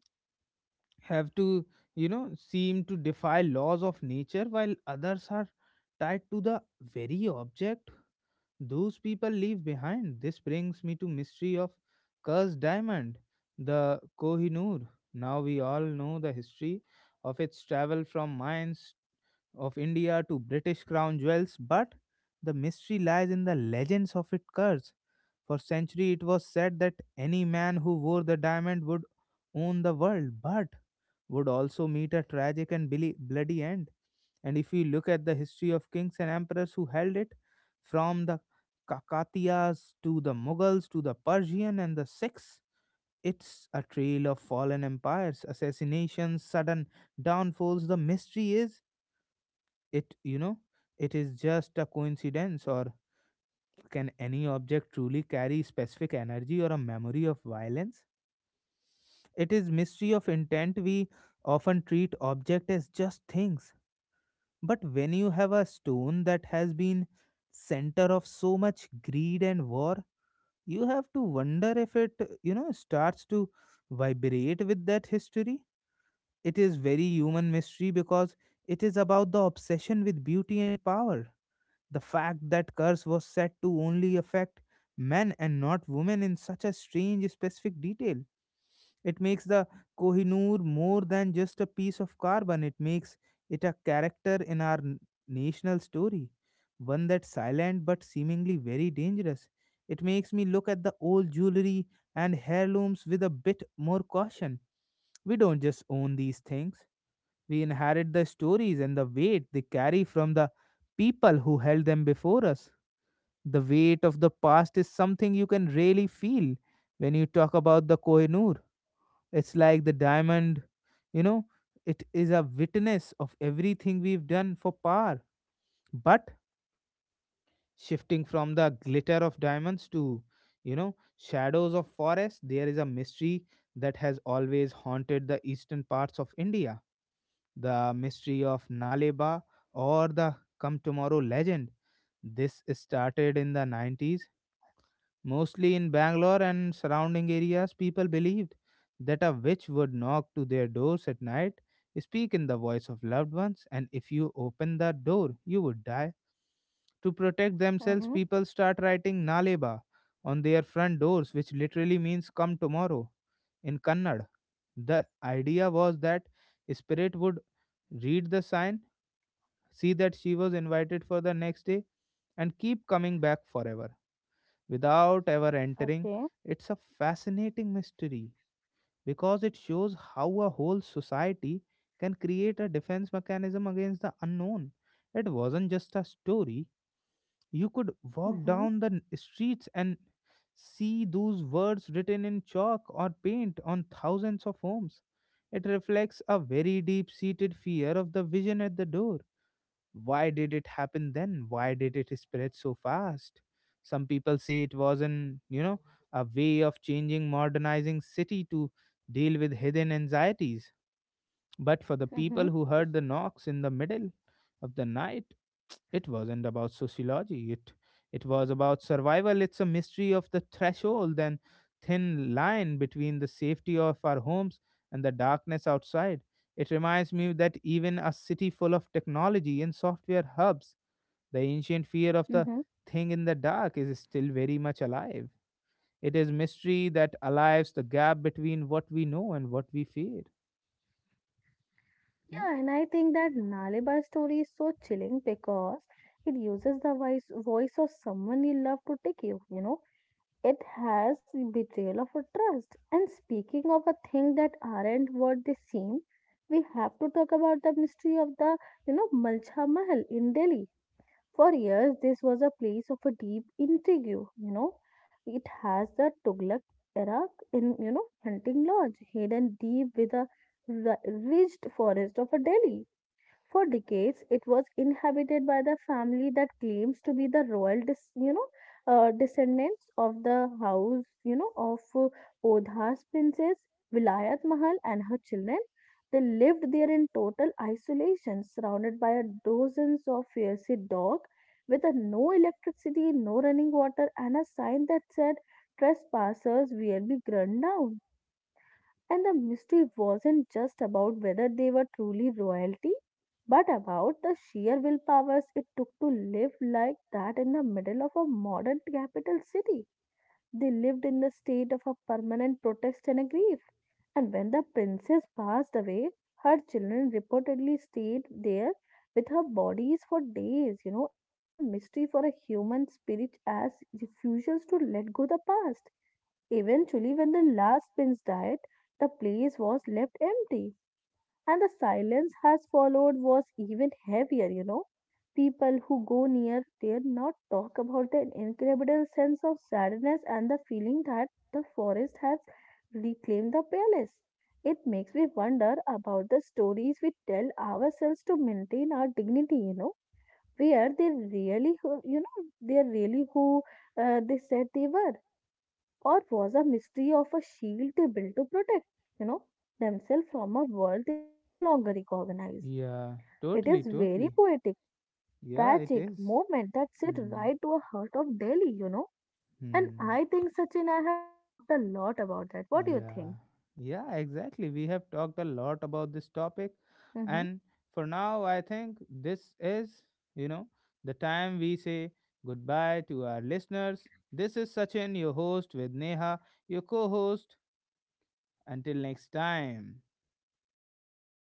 A: Have to, you know, seem to defy laws of nature while others are tied to the very object those people leave behind. This brings me to mystery of cursed diamond, the Kohinoor. Now we all know the history of its travel from mines of India to British crown jewels, but the mystery lies in the legends of its curse. For centuries, it was said that any man who wore the diamond would own the world, but would also meet a tragic and billy- bloody end. And if you look at the history of kings and emperors who held it, from the Kakatiyas to the Mughals to the Persian and the Sikhs, it's a trail of fallen empires, assassinations, sudden downfalls. The mystery is, it, you know, it is just a coincidence, or can any object truly carry specific energy or a memory of violence? It is mystery of intent. We often treat object as just things. But when you have a stone that has been center of so much greed and war, you have to wonder if it, you know, starts to vibrate with that history. It is very human mystery because it is about the obsession with beauty and power. The fact that curse was said to only affect men and not women in such a strange specific detail, it makes the Kohinoor more than just a piece of carbon. It makes it a character in our n- national story, one that's silent but seemingly very dangerous. It makes me look at the old jewelry and heirlooms with a bit more caution. We don't just own these things, we inherit the stories and the weight they carry from the people who held them before us. The weight of the past is something you can really feel when you talk about the Kohinoor. It's like the diamond, you know, it is a witness of everything we've done for power. But shifting from the glitter of diamonds to, you know, shadows of forests, there is a mystery that has always haunted the eastern parts of India. The mystery of Naleba or the Come Tomorrow legend. This started in the nineties, mostly in Bangalore and surrounding areas. People believed that a witch would knock to their doors at night, speak in the voice of loved ones, and if you open that door, you would die. To protect themselves,
B: Mm-hmm.
A: people start writing Naleba on their front doors, which literally means come tomorrow in Kannada. The idea was that spirit would read the sign, see that she was invited for the next day, and keep coming back forever without ever entering.
B: Okay.
A: It's a fascinating mystery because it shows how a whole society can create a defense mechanism against the unknown. It wasn't just a story. You could walk
B: Mm-hmm.
A: down the n- streets and see those words written in chalk or paint on thousands of homes. It reflects a very deep seated fear of the vision at the door. Why did it happen then? Why did it spread so fast? Some people say it was an, you know, a way of changing, modernizing city to deal with hidden anxieties. But for the
B: Mm-hmm.
A: people who heard the knocks in the middle of the night, it wasn't about sociology. It it was about survival. It's a mystery of the threshold and thin line between the safety of our homes and the darkness outside. It reminds me that even a city full of technology and software hubs, the ancient fear of the
B: Mm-hmm.
A: thing in the dark is still very much alive. It is mystery that alives the gap between what we know and what we fear. Hmm?
B: Yeah, and I think that Nalibai story is so chilling because it uses the voice voice of someone you love to take you. You know, it has betrayal of a trust. And speaking of a thing that aren't what they seem, we have to talk about the mystery of the, you know, Malcha Mahal in Delhi. For years, this was a place of a deep intrigue, you know. It has the Tugluk era in, you know, hunting lodge, hidden deep with a ri- ridged forest of a Delhi. For decades, it was inhabited by the family that claims to be the royal, dis- you know, uh, descendants of the house, you know, of uh, Odha's princess Vilayat Mahal and her children. They lived there in total isolation, surrounded by dozens of fierce dogs, with a no electricity, no running water, and a sign that said, "Trespassers will be ground down." And the mystery wasn't just about whether they were truly royalty, but about the sheer willpowers it took to live like that in the middle of a modern capital city. They lived in the state of a permanent protest and a grief. And when the princess passed away, her children reportedly stayed there with her bodies for days. You know, it's a mystery for a human spirit as refuses to let go the past. Eventually, when the last prince died, the place was left empty, and the silence has followed was even heavier, you know. People who go near dare not talk about the incredible sense of sadness and the feeling that the forest has reclaimed the palace. It makes me wonder about the stories we tell ourselves to maintain our dignity, you know, where they really, who- you know, they are really who uh, they said they were or was a mystery of a shield they built to protect, you know, themselves from a world they no longer recognize.
A: Yeah,
B: It is
A: totally,
B: very
A: totally.
B: poetic,
A: Yeah, it
B: tragic
A: is.
B: moment that sit
A: Hmm.
B: right to a heart of Delhi, you know. And
A: Hmm.
B: I think, Sachin, I have talked a lot about that. What do you think?
A: Yeah. Yeah, exactly. We have talked a lot about this topic.
B: Hmm.
A: And for now, I think this is, you know, the time we say goodbye to our listeners. This is Sachin, your host, with Neha, your co host. Until next time.